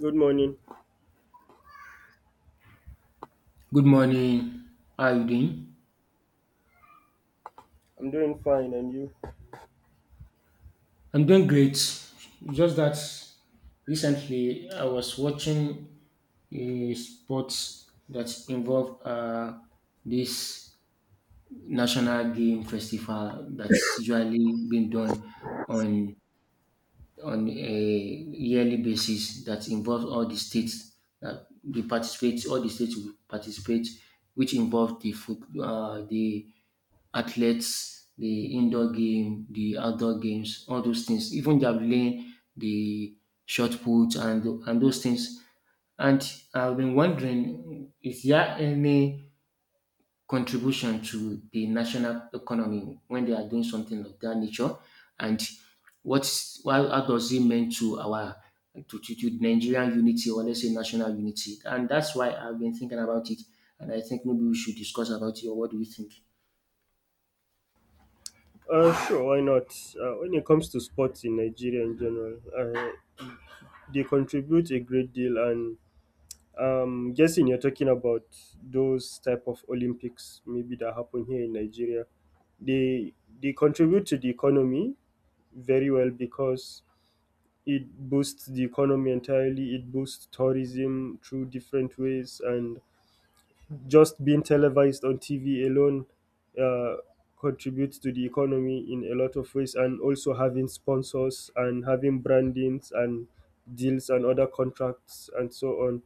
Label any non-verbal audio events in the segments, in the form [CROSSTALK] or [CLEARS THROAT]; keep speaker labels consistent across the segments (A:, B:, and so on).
A: Good morning.
B: Good morning. How are you doing?
A: I'm doing fine, and you?
B: I'm doing great. It's just that recently I was watching a sports that involved this national game festival that's usually been done on on a yearly basis that involves all the states that they participate, all the states will participate, which involve the athletes, the indoor game, the outdoor games, all those things, even javelin, the shot put, and those things. And I've been wondering, is there any contribution to the national economy when they are doing something of that nature, and how does it mean to our to Nigerian unity, or let's say national unity? And that's why I've been thinking about it, and I think maybe we should discuss about it. Or what do you think?
A: Sure, why not? When it comes to sports in Nigeria in general, they contribute a great deal, and guessing you're talking about those type of Olympics maybe that happen here in Nigeria. They they contribute to the economy very well because it boosts the economy entirely. It boosts tourism through different ways, and just being televised on TV alone uh, contributes to the economy in a lot of ways, and also having sponsors and having brandings and deals and other contracts and so on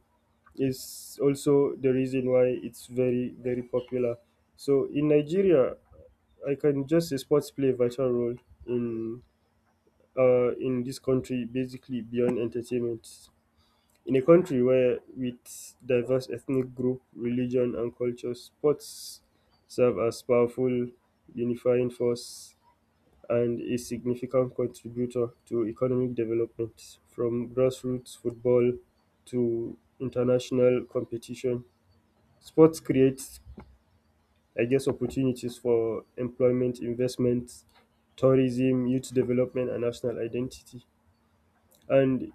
A: is also the reason why it's very popular. So in Nigeria, I can just say sports play a vital role in in this country, basically beyond entertainment. In a country where with diverse ethnic group, religion, and culture, sports serve as powerful unifying force and a significant contributor to economic development. From grassroots football to international competition, sports creates, I guess, opportunities for employment, investment, tourism, youth development, and national identity. And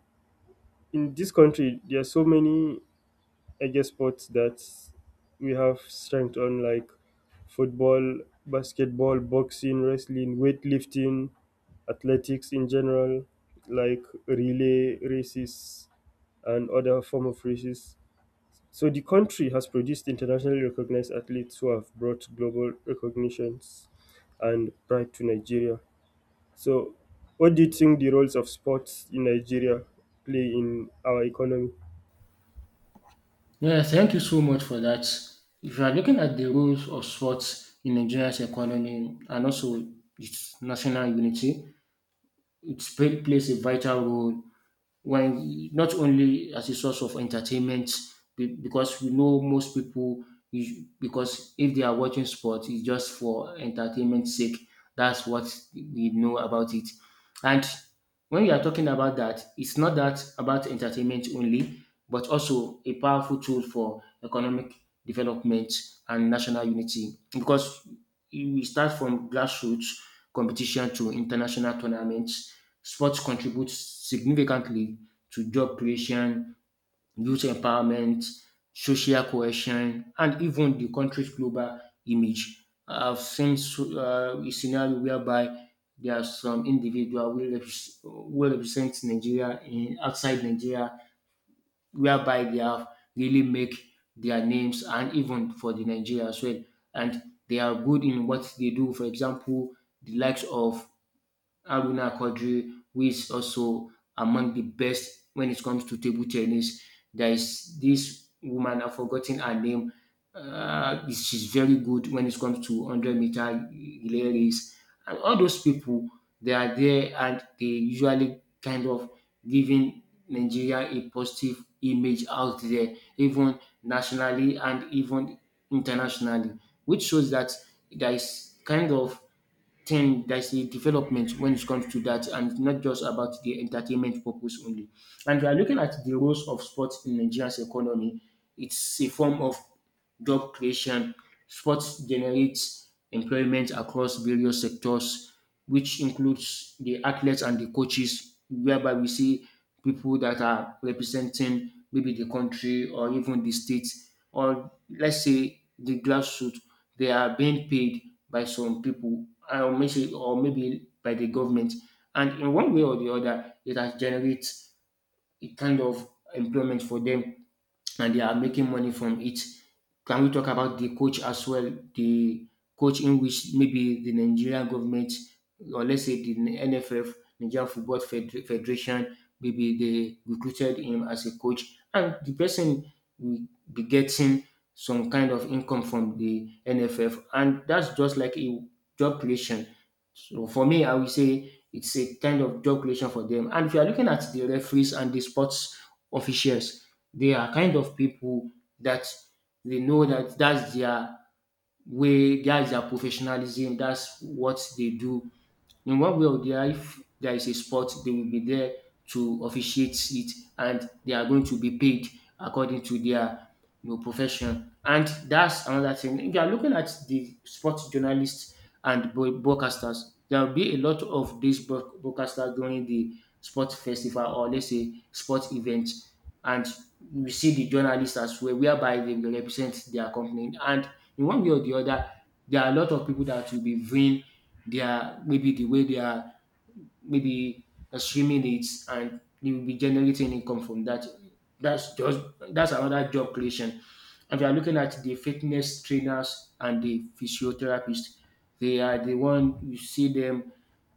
A: in this country, there are so many edge sports that we have strength on like football, basketball, boxing, wrestling, weightlifting, athletics in general, like relay races and other form of races. So the country has produced internationally recognized athletes who have brought global recognitions and pride to Nigeria. So what do you think the roles of sports in Nigeria play in our economy?
B: Yeah, thank you so much for that. If you are looking at the roles of sports in Nigeria's economy and also its national unity, it plays a vital role, when not only as a source of entertainment, because we know most people, because if they are watching sport it's just for entertainment sake. That's what we know about it. And when you are talking about that, it's not that about entertainment only, but also a powerful tool for economic development and national unity, because we start from grassroots competition to international tournaments. Sports contribute significantly to job creation, youth empowerment, social cohesion, and even the country's global image. I've seen a scenario whereby there are some individual who represent Nigeria in outside Nigeria, whereby they have really make their names and even for the Nigeria as well. And they are good in what they do. For example, the likes of Aruna Kodri, who is also among the best when it comes to table tennis. There is this woman, I've forgotten her name. She's very good when it comes to 100 meter relay race. And all those people, they are there and they usually kind of giving Nigeria a positive image out there, even nationally and even internationally, which shows that there is kind of thing there's a development when it comes to that, and it's not just about the entertainment purpose only. And we are looking at the roles of sports in Nigeria's economy, it's a form of job creation. Sports generates employment across various sectors, which includes the athletes and the coaches, whereby we see people that are representing maybe the country or even the state or let's say the grassroots. They are being paid by some people, or maybe by the government. And in one way or the other, it has generated a kind of employment for them, and they are making money from it. Can we talk about the coach as well? The coach in which maybe the Nigerian government, or let's say the NFF, Nigerian Football Federation, maybe they recruited him as a coach, and the person will be getting some kind of income from the NFF, and that's just like a job creation. So for me, I would say it's a kind of job creation for them. And if you are looking at the referees and the sports officials, they are kind of people that they know that that's their way, that's their professionalism, that's what they do. In one way or the other, if there is a sport, they will be there to officiate it, and they are going to be paid according to their profession. And that's another thing. If you are looking at the sports journalists and broadcasters, there will be a lot of these broadcasters during the sports festival or let's say sports event. And we see the journalists as well, whereby they will represent their company. And in one way or the other, there are a lot of people that will be vying their, maybe the way they are, maybe swimming it, and they will be generating income from that. that's just that's another job creation. And we are looking at the fitness trainers and the physiotherapists. They are the one you see them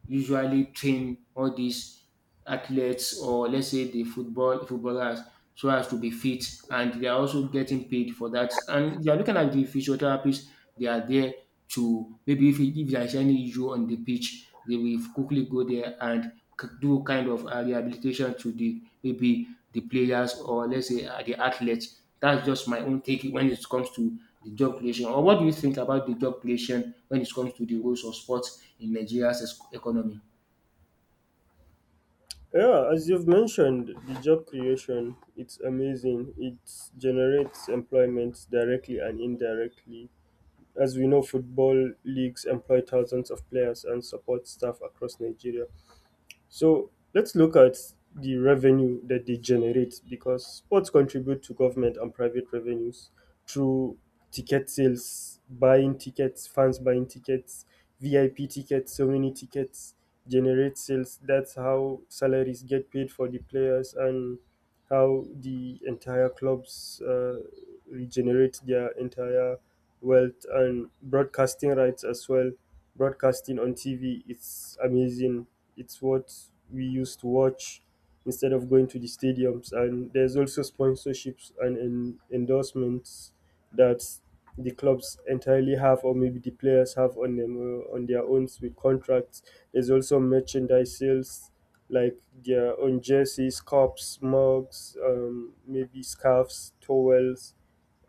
B: usually train all these athletes, or let's say the footballers, so as to be fit, and they are also getting paid for that. And you are looking at the physiotherapists, they are there to maybe, if there is any issue on the pitch, they will quickly go there and do kind of rehabilitation to the maybe the players, or let's say the athletes. That's just my own take when it comes to the job creation. Or what do you think about the job creation when it comes to the roles of sport in Nigeria's economy?
A: Yeah, as you've mentioned, the job creation, it's amazing. It generates employment directly and indirectly. As we know, football leagues employ thousands of players and support staff across Nigeria. So let's look at the revenue that they generate because sports contribute to government and private revenues through ticket sales, buying tickets, fans buying tickets, VIP tickets, so many tickets generate sales. That's how salaries get paid for the players and how the entire clubs regenerate their entire wealth and broadcasting rights as well. Broadcasting on TV, it's amazing, it's what we used to watch instead of going to the stadiums. And there's also sponsorships and endorsements that the clubs entirely have, or maybe the players have on them on their own with contracts. There's also merchandise sales like their own jerseys, cups, mugs, maybe scarves, towels,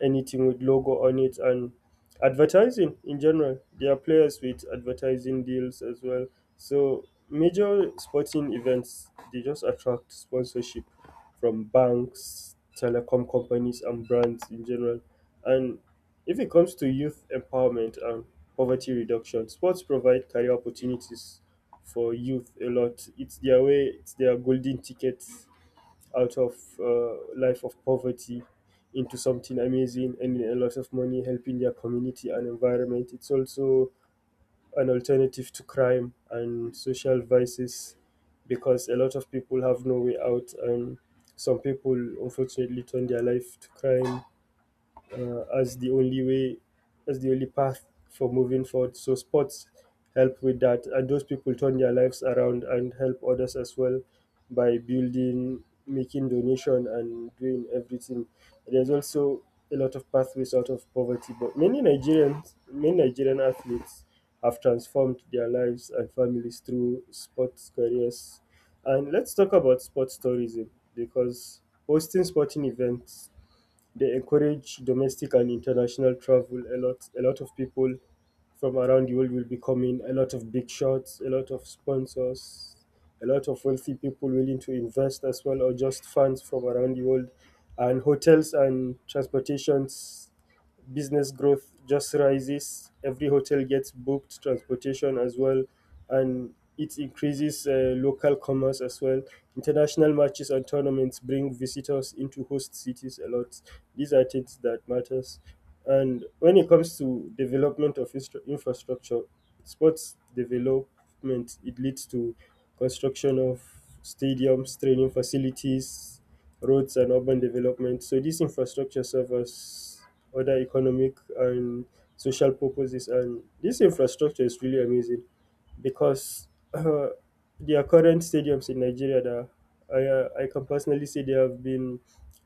A: anything with logo on it, and advertising in general. There are players with advertising deals as well. So major sporting events they just attract sponsorship from banks, telecom companies, and brands in general. And if it comes to youth empowerment and poverty reduction, sports provide career opportunities for youth a lot. It's their way, it's their golden ticket out of life of poverty into something amazing and a lot of money helping their community and environment. It's also an alternative to crime and social vices because a lot of people have no way out, and some people unfortunately turn their life to crime, as the only way, as the only path for moving forward. So sports help with that, and those people turn their lives around and help others as well by building, making donation, and doing everything. There's also a lot of pathways out of poverty, but many Nigerians, many Nigerian athletes have transformed their lives and families through sports careers. And let's talk about sports tourism because hosting sporting events, they encourage domestic and international travel. A lot of people from around the world will be coming. A lot of big shots, a lot of sponsors, a lot of wealthy people willing to invest as well, or just fans from around the world. And hotels and transportations business growth just rises. Every hotel gets booked, transportation as well, and it increases local commerce as well. International matches and tournaments bring visitors into host cities a lot. These are things that matters. And when it comes to development of infrastructure, sports development it leads to construction of stadiums, training facilities, roads, and urban development. So these infrastructure serve as other economic and social purposes, and this infrastructure is really amazing because uh, their current stadiums in Nigeria, that I can personally say they have been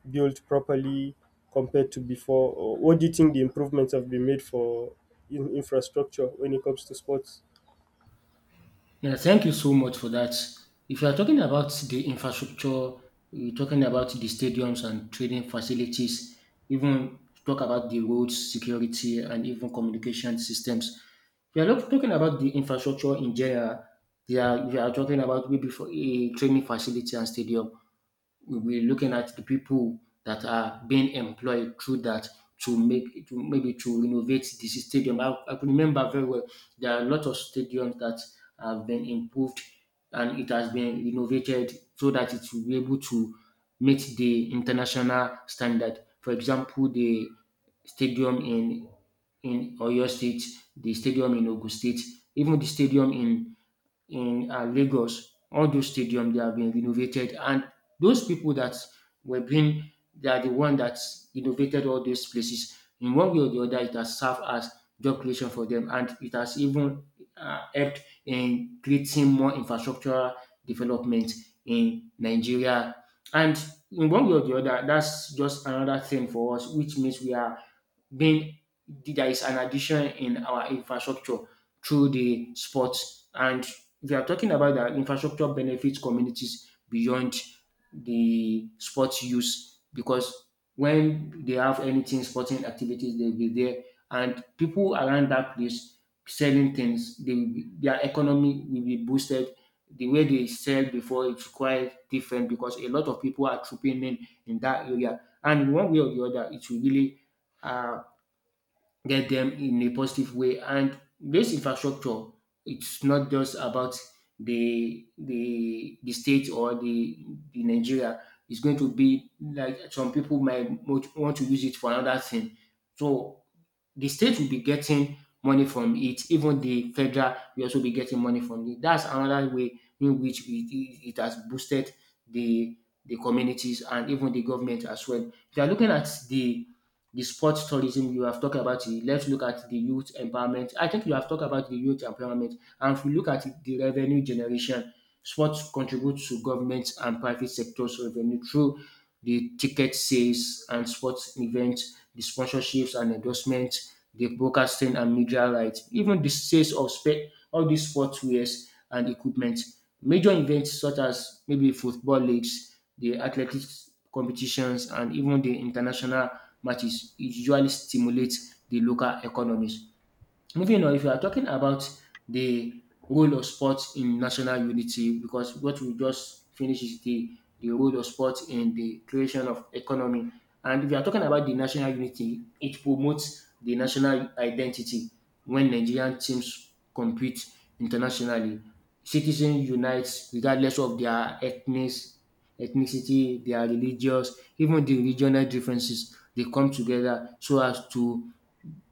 A: built properly compared to before. Or what do you think the improvements have been made for infrastructure when it comes to sports?
B: Yeah, thank you so much for that. If you are talking about the infrastructure, you're talking about the stadiums and training facilities, even talk about the roads, security, and even communication systems. If you are not talking about the infrastructure in general, we are talking about maybe for a training facility and stadium. We will be looking at the people that are being employed through that to make to maybe to renovate the stadium. I could remember very well, there are a lot of stadiums that have been improved, and it has been renovated so that it will be able to meet the international standard. For example, the stadium in Oyo State, the stadium in Ogun State, even the stadium in Lagos, all those stadiums they have been renovated, and those people that were being they are the one that innovated all these places. In one way or the other, it has served as job creation for them, and it has even helped in creating more infrastructural development in Nigeria. And in one way or the other, that's just another thing for us, which means we are being there is an addition in our infrastructure through the sports. And we are talking about that infrastructure benefits communities beyond the sports use, because when they have anything sporting activities, they'll be there, and people around that place selling things, their economy will be boosted. The way they sell before it's quite different, because a lot of people are trooping in that area, and one way or the other, it will really uh, get them in a positive way. And this infrastructure, it's not just about the state or the Nigeria. It's going to be like some people might want to use it for another thing. So the state will be getting money from it, even the federal will also be getting money from it. That's another way in which it has boosted the the communities and even the government as well. If you are looking at the sports tourism you have talked about it, let's look at the youth empowerment. I think you have talked about the youth empowerment, and if we look at the revenue generation, sports contributes to government and private sectors revenue through the ticket sales and sports events, the sponsorships and endorsement, the broadcasting and media rights, even the sales of all these sportswears and equipment. Major events such as maybe football leagues, the athletics competitions, and even the international matches usually stimulate the local economies. Moving on, if you are talking about the role of sports in national unity, because what we just finished is the role of sports in the creation of economy. And if you are talking about the national unity, it promotes the national identity when Nigerian teams compete internationally. Citizens unite regardless of their ethnicity, their religious, even the regional differences. They come together so as to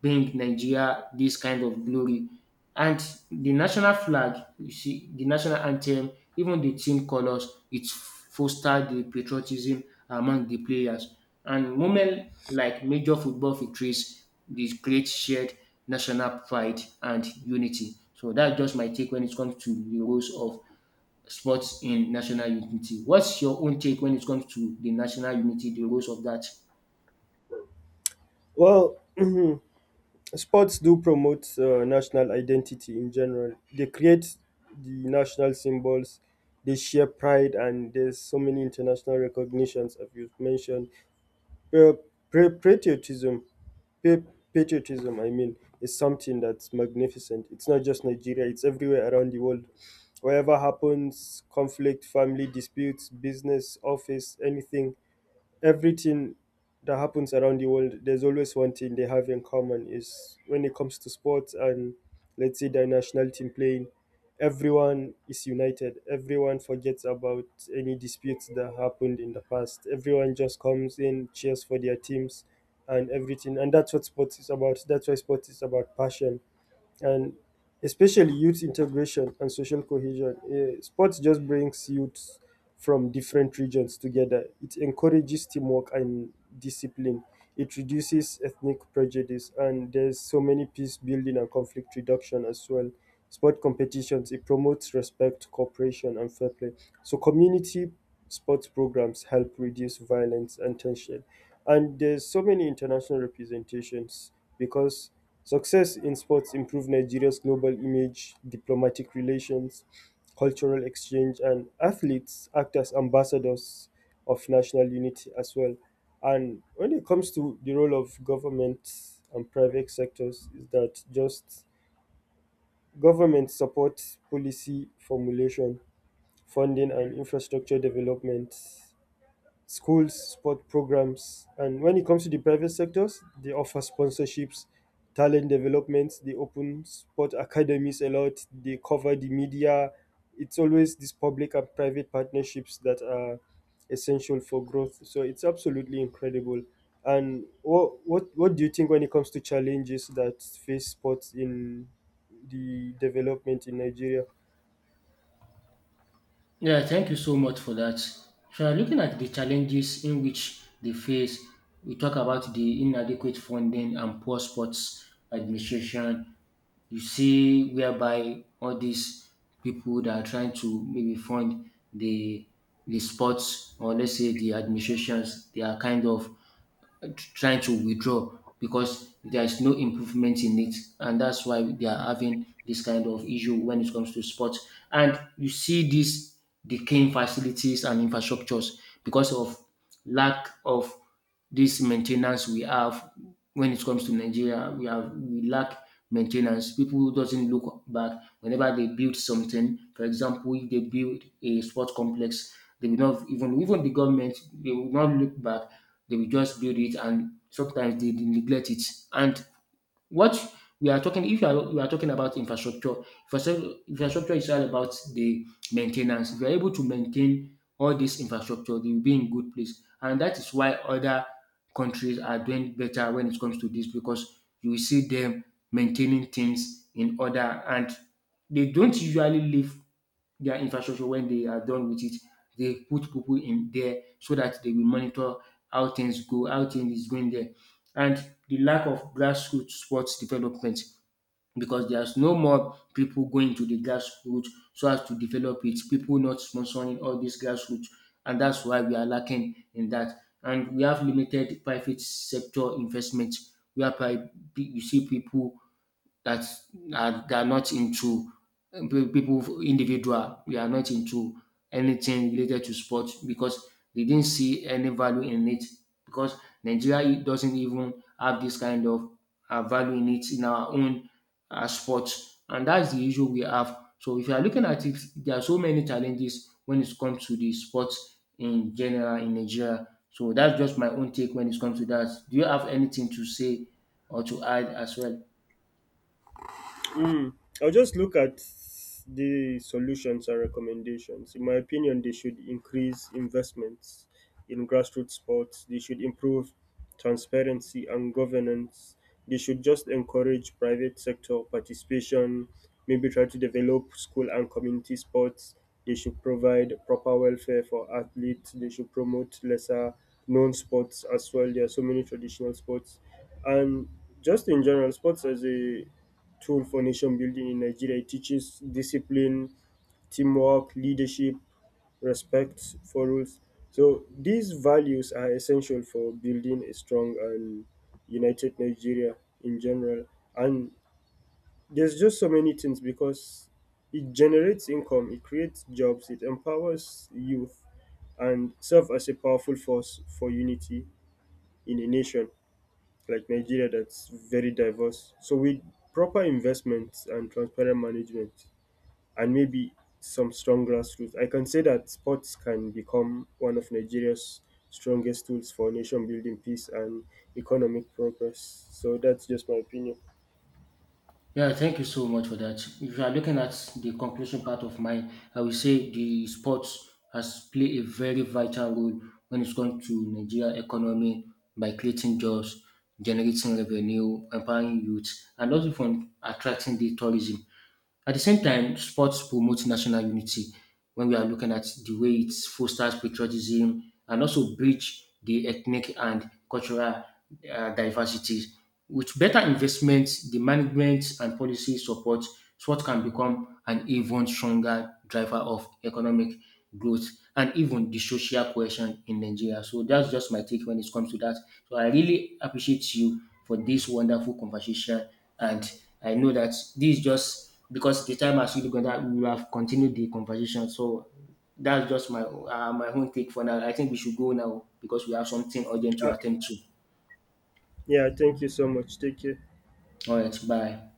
B: bring Nigeria this kind of glory. And the national flag, you see, the national anthem, even the team colors, it foster the patriotism among the players. And moment like major football victories, they create shared national pride and unity. So that's just my take when it comes to the roles of sports in national unity. What's your own take when it comes to the national unity, the roles of that?
A: Well, [CLEARS THROAT] sports do promote national identity in general. They create the national symbols. They share pride, and there's so many international recognitions, as you've mentioned. Well, patriotism Pa- patriotism, I mean, is something that's magnificent. It's not just Nigeria, it's everywhere around the world. Whatever happens, conflict, family disputes, business, office, anything, everything that happens around the world, there's always one thing they have in common is when it comes to sports, and let's say their national team playing, everyone is united. Everyone forgets about any disputes that happened in the past. Everyone just comes in, cheers for their teams and everything. And that's what sports is about. That's why sports is about passion, and especially youth integration and social cohesion. Sports just brings youth from different regions together. It encourages teamwork and discipline. It reduces ethnic prejudice, and there's so many peace building and conflict reduction as well. Sport competitions it promotes respect, cooperation, and fair play. So community sports programs help reduce violence and tension. And there's so many international representations because success in sports improved Nigeria's global image, diplomatic relations, cultural exchange, and athletes act as ambassadors of national unity as well. And when it comes to the role of government and private sectors, is that just government supports policy formulation, funding, and infrastructure development, schools, sport programs. And when it comes to the private sectors, they offer sponsorships, talent development, they open sport academies a lot, they cover the media. It's always these public and private partnerships that are essential for growth. So it's absolutely incredible. And what do you think when it comes to challenges that face sports in the development in Nigeria?
B: Yeah, thank you so much for that. If you are looking at the challenges in which they face, we talk about the inadequate funding and poor sports administration. You see, whereby all these people that are trying to maybe fund the the sports, or let's say the administrations, they are kind of trying to withdraw because there is no improvement in it, and that's why they are having this kind of issue when it comes to sports. And you see this decaying facilities and infrastructures because of lack of this maintenance we have when it comes to Nigeria. We lack maintenance. People doesn't look back whenever they build something. For example, if they build a sports complex, they will not even the government, they will not look back, they will just build it, and sometimes they neglect it. And what we are talking, if you are, we are talking about infrastructure, infrastructure is all about the maintenance. If you are able to maintain all this infrastructure, they will be in good place. And that is why other countries are doing better when it comes to this, because you will see them maintaining things in order, and they don't usually leave their infrastructure when they are done with it. They put people in there so that they will monitor how things is going there. And the lack of grassroots sports development, because there's no more people going to the grassroots so as to develop it, people not sponsoring all these grassroots. And that's why we are lacking in that. And we have limited private sector investment, whereby you see people that's are they are not into people individual. They are not into anything related to sport because they didn't see any value in it. Because Nigeria doesn't even have this kind of value in it in our own sports, and that's the issue we have. So if you are looking at it, there are so many challenges when it comes to the sports in general in Nigeria. So that's just my own take when it comes to that. Do you have anything to say or to add as well?
A: Mm. I'll just look at the solutions and recommendations. In my opinion, they should increase investments in grassroots sports, they should improve transparency and governance, they should just encourage private sector participation, maybe try to develop school and community sports, they should provide proper welfare for athletes, they should promote lesser known sports as well. There are so many traditional sports. And just in general, sports as a tool for nation building in Nigeria. It teaches discipline, teamwork, leadership, respect for rules. So these values are essential for building a strong and united Nigeria in general. And there's just so many things because it generates income, it creates jobs, it empowers youth, and serve as a powerful force for unity in a nation like Nigeria that's very diverse. So with proper investments and transparent management, and maybe some strong grassroots. I can say that sports can become one of Nigeria's strongest tools for nation building, peace, and economic progress. So that's just my opinion.
B: Yeah, thank you so much for that. If you are looking at the conclusion part of mine, I will say the sports has played a very vital role when it's come to Nigeria economy by creating jobs, generating revenue, empowering youth, and also from attracting the tourism. At the same time, sports promote national unity when we are looking at the way it fosters patriotism and also bridge the ethnic and cultural diversity. With better investments, the management and policy support, Swot can become an even stronger driver of economic growth and even the social cohesion in Nigeria. So that's just my take when it comes to that. So I really appreciate you for this wonderful conversation. And I know that this is just because the time has really gone that we have continued the conversation. So that's just my own take for now. I think we should go now because we have something urgent to
A: Uh,
B: attend to.
A: yeah, thank you so much. Take care.
B: All right, bye.